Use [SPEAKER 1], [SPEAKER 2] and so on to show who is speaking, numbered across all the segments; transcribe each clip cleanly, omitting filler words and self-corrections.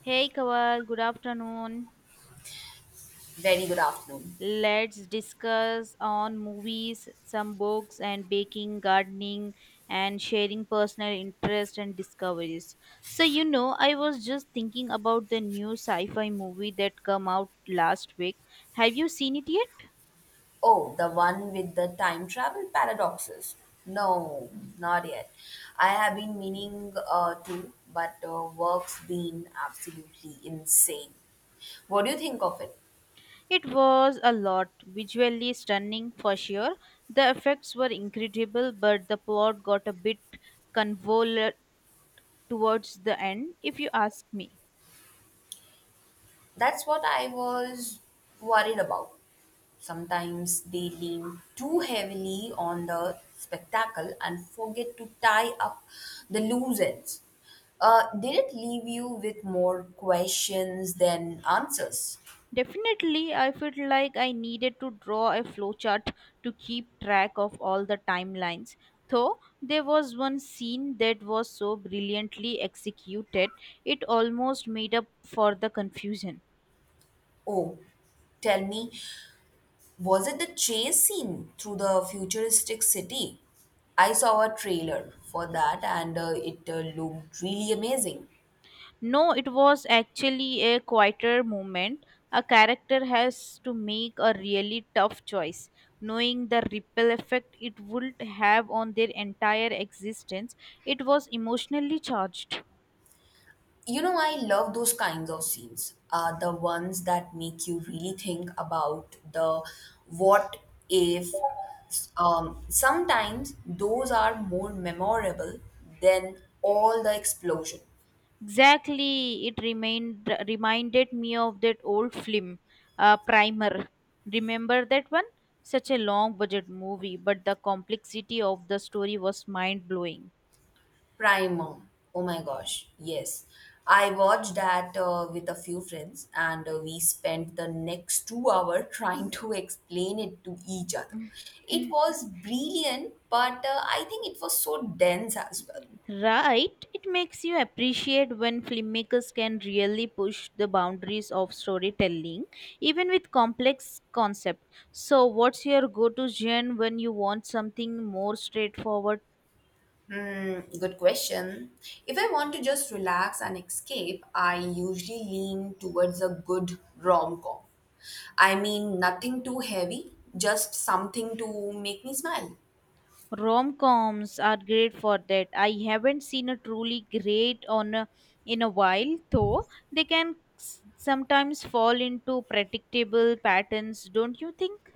[SPEAKER 1] Hey Kawal, good afternoon.
[SPEAKER 2] Very good afternoon.
[SPEAKER 1] Let's discuss on movies, some books and baking, gardening and sharing personal interest and discoveries. So you know, I was just thinking about the new sci-fi movie that come out last week. Have you seen it yet?
[SPEAKER 2] Oh, the one with the time travel paradoxes. No, not yet. I have been meaning to, but work's been absolutely insane. What do you think of it?
[SPEAKER 1] It was a lot, visually stunning for sure. The effects were incredible, but the plot got a bit convoluted towards the end if you ask me.
[SPEAKER 2] That's what I was worried about. Sometimes they lean too heavily on the spectacle and forget to tie up the loose ends. Did it leave you with more questions than answers?
[SPEAKER 1] Definitely, I felt like I needed to draw a flowchart to keep track of all the timelines. Though there was one scene that was so brilliantly executed, it almost made up for the confusion.
[SPEAKER 2] Oh, tell me, was it the chase scene through the futuristic city? I saw a trailer for that and it looked really amazing.
[SPEAKER 1] No, it was actually a quieter moment. A character has to make a really tough choice, knowing the ripple effect it would have on their entire existence. It was emotionally charged.
[SPEAKER 2] You know, I love those kinds of scenes, the ones that make you really think about the what if. Sometimes those are more memorable than all the explosion.
[SPEAKER 1] Exactly, it remained reminded me of that old film, Primer. Remember that one? Such a long budget movie, but the complexity of the story was mind blowing.
[SPEAKER 2] Primer. Oh my gosh, yes. I watched that with a few friends, and we spent the next 2 hours trying to explain it to each other.
[SPEAKER 1] Hmm.
[SPEAKER 2] It was brilliant, but I think it was so dense as well.
[SPEAKER 1] Right, it makes you appreciate when filmmakers can really push the boundaries of storytelling, even with complex concept. So, what's your go-to genre when you want something more straightforward?
[SPEAKER 2] Hmm, good question. If I want to just relax and escape, I usually lean towards a good rom com. I mean, nothing too heavy, just something to make me smile.
[SPEAKER 1] Rom-coms are great for that. I haven't seen a truly great on a, in a while, though they can sometimes fall into predictable patterns, don't you think?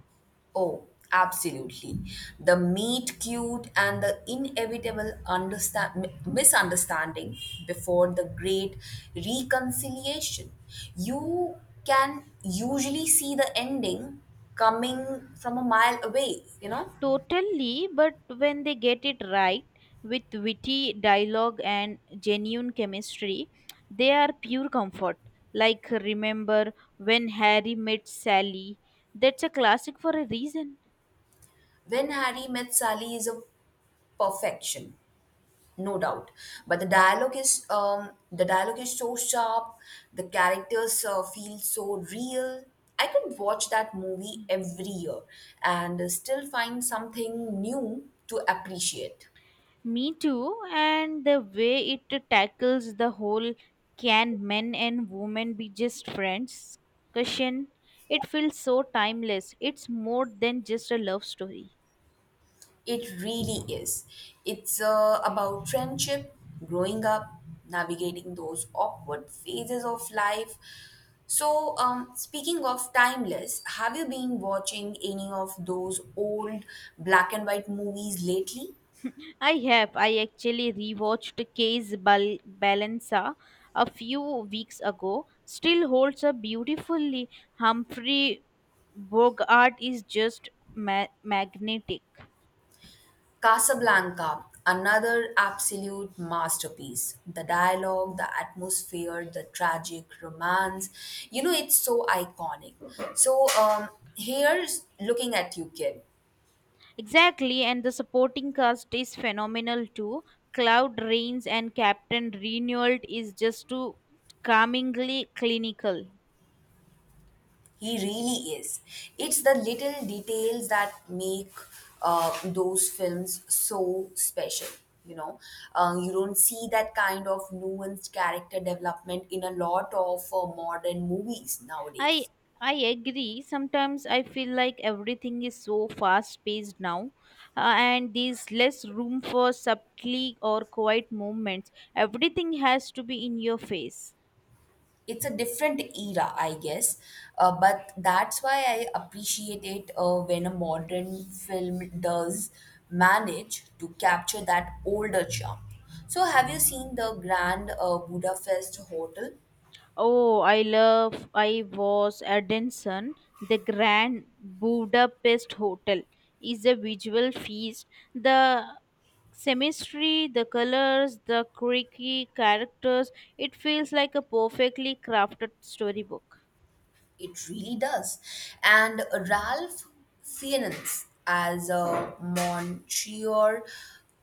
[SPEAKER 2] Oh, absolutely. The meet cute and the inevitable misunderstanding before the great reconciliation. You can usually see the ending coming from a mile away, you know?
[SPEAKER 1] Totally, but when they get it right with witty dialogue and genuine chemistry, they are pure comfort. Like remember when Harry met Sally. That's a classic for a reason.
[SPEAKER 2] When Harry met Sally is a perfection. No doubt, but the dialogue is so sharp, the characters feel so real. I could watch that movie every year and still find something new to appreciate.
[SPEAKER 1] Me too, and the way it tackles the whole can men and women be just friends question, it feels so timeless. It's more than just a love story.
[SPEAKER 2] It really is. It's about friendship, growing up, navigating those awkward phases of life. So, speaking of timeless, have you been watching any of those old black and white movies lately?
[SPEAKER 1] I have. I actually rewatched Balanza a few weeks ago. Still holds up beautifully. Humphrey Bogart is just magnetic.
[SPEAKER 2] Casablanca, another absolute masterpiece. The dialogue, the atmosphere, the tragic romance. You know, it's so iconic. So, here's looking at you, kid.
[SPEAKER 1] Exactly, and the supporting cast is phenomenal too. Cloud Rains and Captain Renault is just too calmingly clinical.
[SPEAKER 2] He really is. It's the little details that make those films so special. You know, you don't see that kind of nuanced character development in a lot of modern movies
[SPEAKER 1] I
[SPEAKER 2] nowadays.
[SPEAKER 1] I agree. Sometimes I feel like everything is so fast paced now, and there's less room for subtly or quiet movements. Everything has to be in your face.
[SPEAKER 2] It's a different era, I guess. But that's why I appreciate it when a modern film does manage to capture that older charm. So, have you seen the Grand Budapest Hotel?
[SPEAKER 1] Oh, I love. I was at Denson. The Grand Budapest Hotel is a visual feast. The chemistry, the colors, the quirky characters. It feels like a perfectly crafted storybook.
[SPEAKER 2] It really does. And Ralph Fiennes as a Monsieur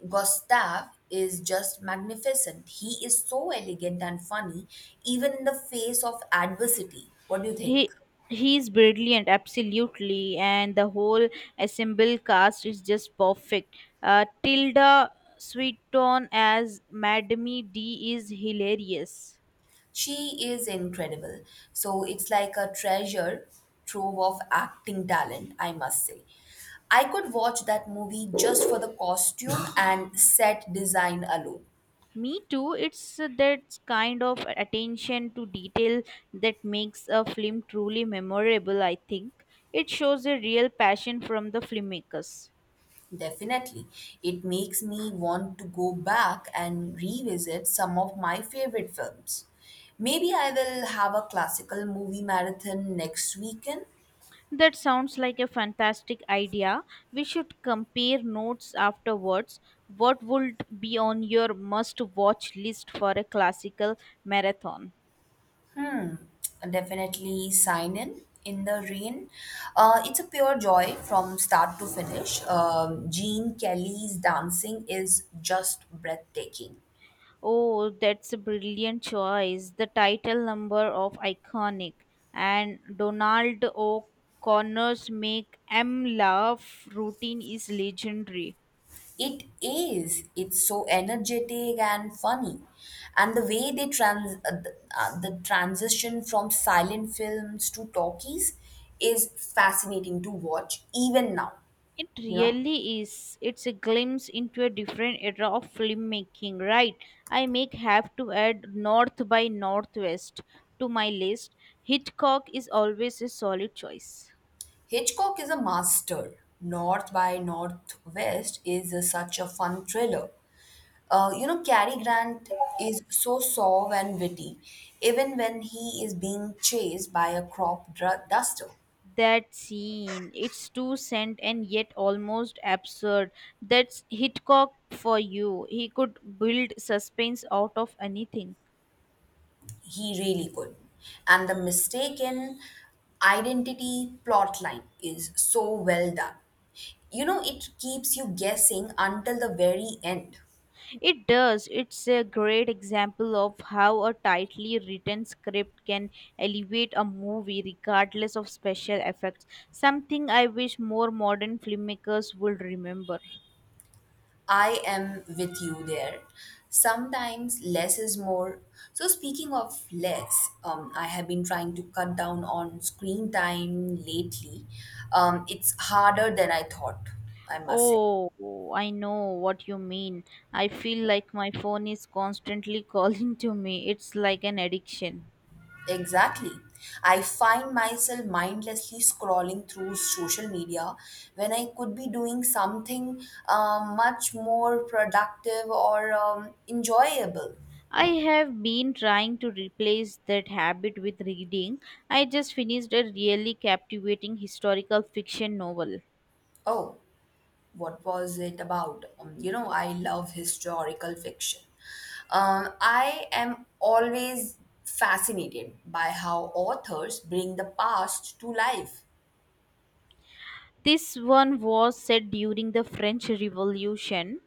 [SPEAKER 2] Gustav is just magnificent. He is so elegant and funny, even in the face of adversity. What do you think?
[SPEAKER 1] He he's brilliant, absolutely, and the whole assembled cast is just perfect. Tilda Swinton as Madame D is hilarious.
[SPEAKER 2] She is incredible. So it's like a treasure trove of acting talent, I must say. I could watch that movie just for the costume and set design alone.
[SPEAKER 1] Me too. It's that kind of attention to detail that makes a film truly memorable, I think. It shows a real passion from the filmmakers.
[SPEAKER 2] Definitely. It makes me want to go back and revisit some of my favorite films. Maybe I will have a classical movie marathon next weekend.
[SPEAKER 1] That sounds like a fantastic idea. We should compare notes afterwards. What would be on your must watch list for a classical marathon?
[SPEAKER 2] Definitely sign in the rain. It's a pure joy from start to finish. Gene Kelly's dancing is just breathtaking.
[SPEAKER 1] Oh, that's a brilliant choice. The title number of Iconic and Donald O'Connor's Make M Laugh routine is legendary.
[SPEAKER 2] It is. It's so energetic and funny, and the way they the transition from silent films to talkies is fascinating to watch even now,
[SPEAKER 1] It
[SPEAKER 2] you know.
[SPEAKER 1] really is. It's a glimpse into a different era of filmmaking, right? I may have to add North by Northwest to my list. Hitchcock is always a solid choice.
[SPEAKER 2] Hitchcock is a master. North by Northwest is such a fun thriller. You know, Cary Grant is so suave and witty, even when he is being chased by a crop duster.
[SPEAKER 1] That scene, it's too cent and yet almost absurd. That's Hitchcock for you, he could build suspense out of anything.
[SPEAKER 2] He really could. And the mistaken identity plotline is so well done. You know, it keeps you guessing until the very end.
[SPEAKER 1] It does, it's a great example of how a tightly written script can elevate a movie regardless of special effects, something I wish more modern filmmakers would remember.
[SPEAKER 2] I am with you there. Sometimes less is more. So, speaking of less, I have been trying to cut down on screen time lately. It's harder than I thought, I must say.
[SPEAKER 1] Oh, I know what you mean. I feel like my phone is constantly calling to me. It's like an addiction.
[SPEAKER 2] Exactly. I find myself mindlessly scrolling through social media when I could be doing something much more productive or enjoyable.
[SPEAKER 1] I have been trying to replace that habit with reading. I just finished a really captivating historical fiction novel.
[SPEAKER 2] Oh, what was it about? You know, I love historical fiction. I am always fascinated by how authors bring the past to life.
[SPEAKER 1] This one was set during the French Revolution.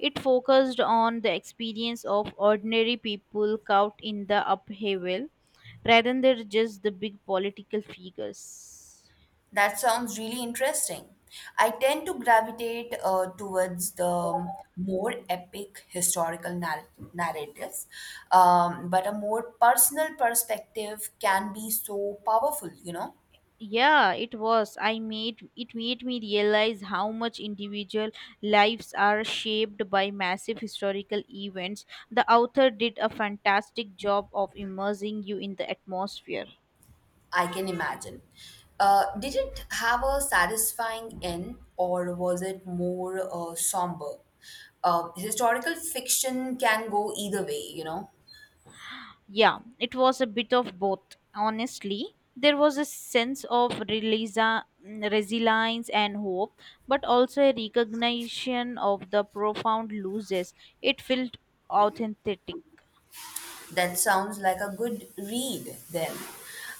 [SPEAKER 1] It focused on the experience of ordinary people caught in the upheaval rather than just the big political figures.
[SPEAKER 2] That sounds really interesting. I tend to gravitate towards the more epic historical narratives, but a more personal perspective can be so powerful, you know.
[SPEAKER 1] Yeah, it was, I made it made me realize how much individual lives are shaped by massive historical events. The author did a fantastic job of immersing you in the atmosphere.
[SPEAKER 2] I can imagine. Did it have a satisfying end, or was it more somber? Historical fiction can go either way, you know.
[SPEAKER 1] Yeah, it was a bit of both, honestly. There was a sense of resilience and hope, but also a recognition of the profound losses. It felt authentic.
[SPEAKER 2] That sounds like a good read, then.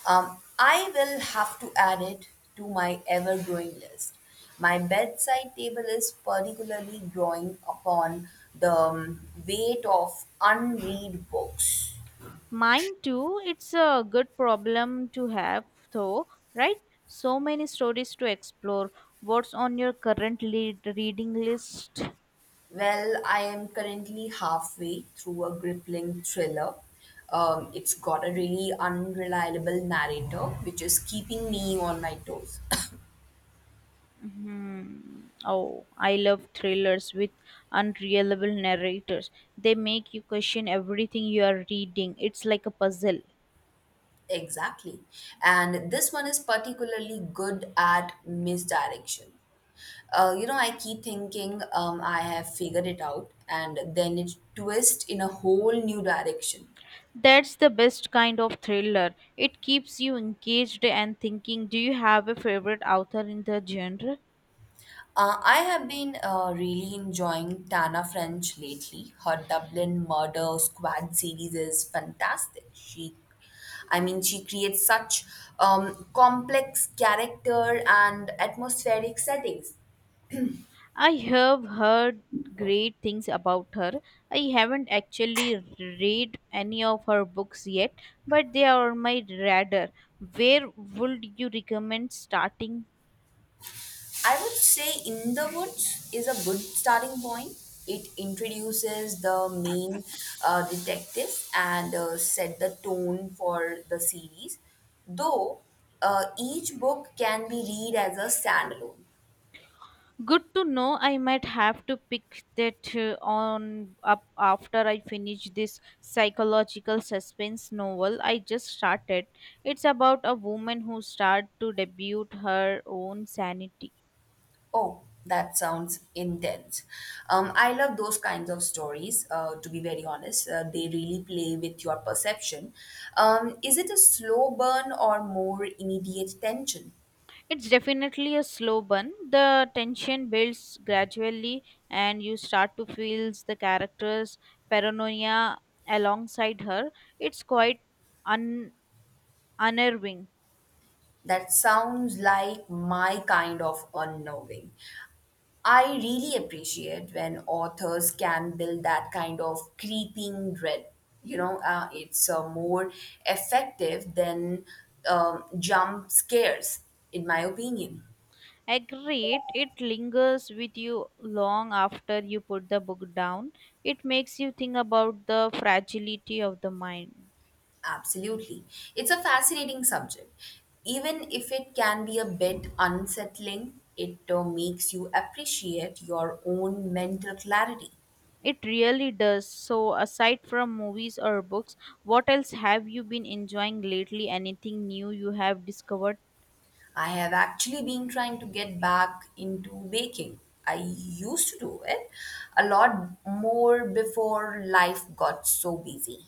[SPEAKER 2] I will have to add it to my ever growing list. My bedside table is particularly growing upon the weight of unread books.
[SPEAKER 1] Mine too. It's a good problem to have, though, right? So many stories to explore. What's on your current lead reading list?
[SPEAKER 2] Well, I am currently halfway through a gripping thriller. It's got a really unreliable narrator, which is keeping me on my toes.
[SPEAKER 1] Hmm. Oh, I love thrillers with unreliable narrators. They make you question everything you are reading. It's like a puzzle.
[SPEAKER 2] Exactly. And this one is particularly good at misdirection. You know, I keep thinking I have figured it out, and then it twists in a whole new direction.
[SPEAKER 1] That's the best kind of thriller. It keeps you engaged and thinking. Do you have a favorite author in the genre?
[SPEAKER 2] I have been really enjoying Tana French lately. Her Dublin Murder Squad series is fantastic. I mean, she creates such complex character and atmospheric settings.
[SPEAKER 1] I have heard great things about her. I haven't actually read any of her books yet, but they are on my radar. Where would you recommend starting?
[SPEAKER 2] I would say In the Woods is a good starting point. It introduces the main detectives and set the tone for the series, though each book can be read as a standalone.
[SPEAKER 1] Good to know. I might have to pick that on up after I finish this psychological suspense novel I just started. It's about a woman who starts to debut her own sanity.
[SPEAKER 2] Oh, that sounds intense. I love those kinds of stories, to be very honest. They really play with your perception. Is it a slow burn or more immediate tension?
[SPEAKER 1] It's definitely a slow burn. The tension builds gradually, and you start to feel the character's paranoia alongside her. It's quite un- unnerving.
[SPEAKER 2] That sounds like my kind of unnerving. I really appreciate when authors can build that kind of creeping dread. You know, it's more effective than jump scares, in my opinion.
[SPEAKER 1] Agreed, it lingers with you long after you put the book down. It makes you think about the fragility of the mind.
[SPEAKER 2] Absolutely. It's a fascinating subject. Even if it can be a bit unsettling, it makes you appreciate your own mental clarity.
[SPEAKER 1] It really does. So, aside from movies or books, what else have you been enjoying lately? Anything new you have discovered?
[SPEAKER 2] I have actually been trying to get back into baking. I used to do it a lot more before life got so busy.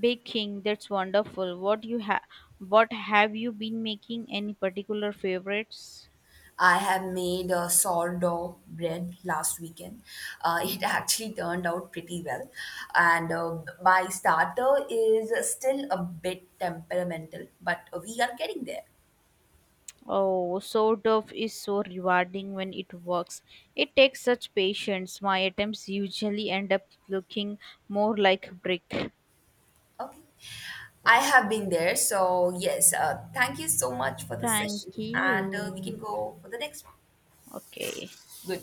[SPEAKER 1] Baking, that's wonderful. What you have what have you been making? Any particular favorites?
[SPEAKER 2] I have made a sourdough bread last weekend. It actually turned out pretty well. And my starter is still a bit temperamental, but we are getting there.
[SPEAKER 1] Oh, sourdough is so rewarding when it works. It takes such patience. My attempts usually end up looking more like brick.
[SPEAKER 2] Okay. I have been there. So, yes, thank you so much for the session.
[SPEAKER 1] Thank
[SPEAKER 2] And we
[SPEAKER 1] you.
[SPEAKER 2] can go for the next one.
[SPEAKER 1] Okay.
[SPEAKER 2] Good.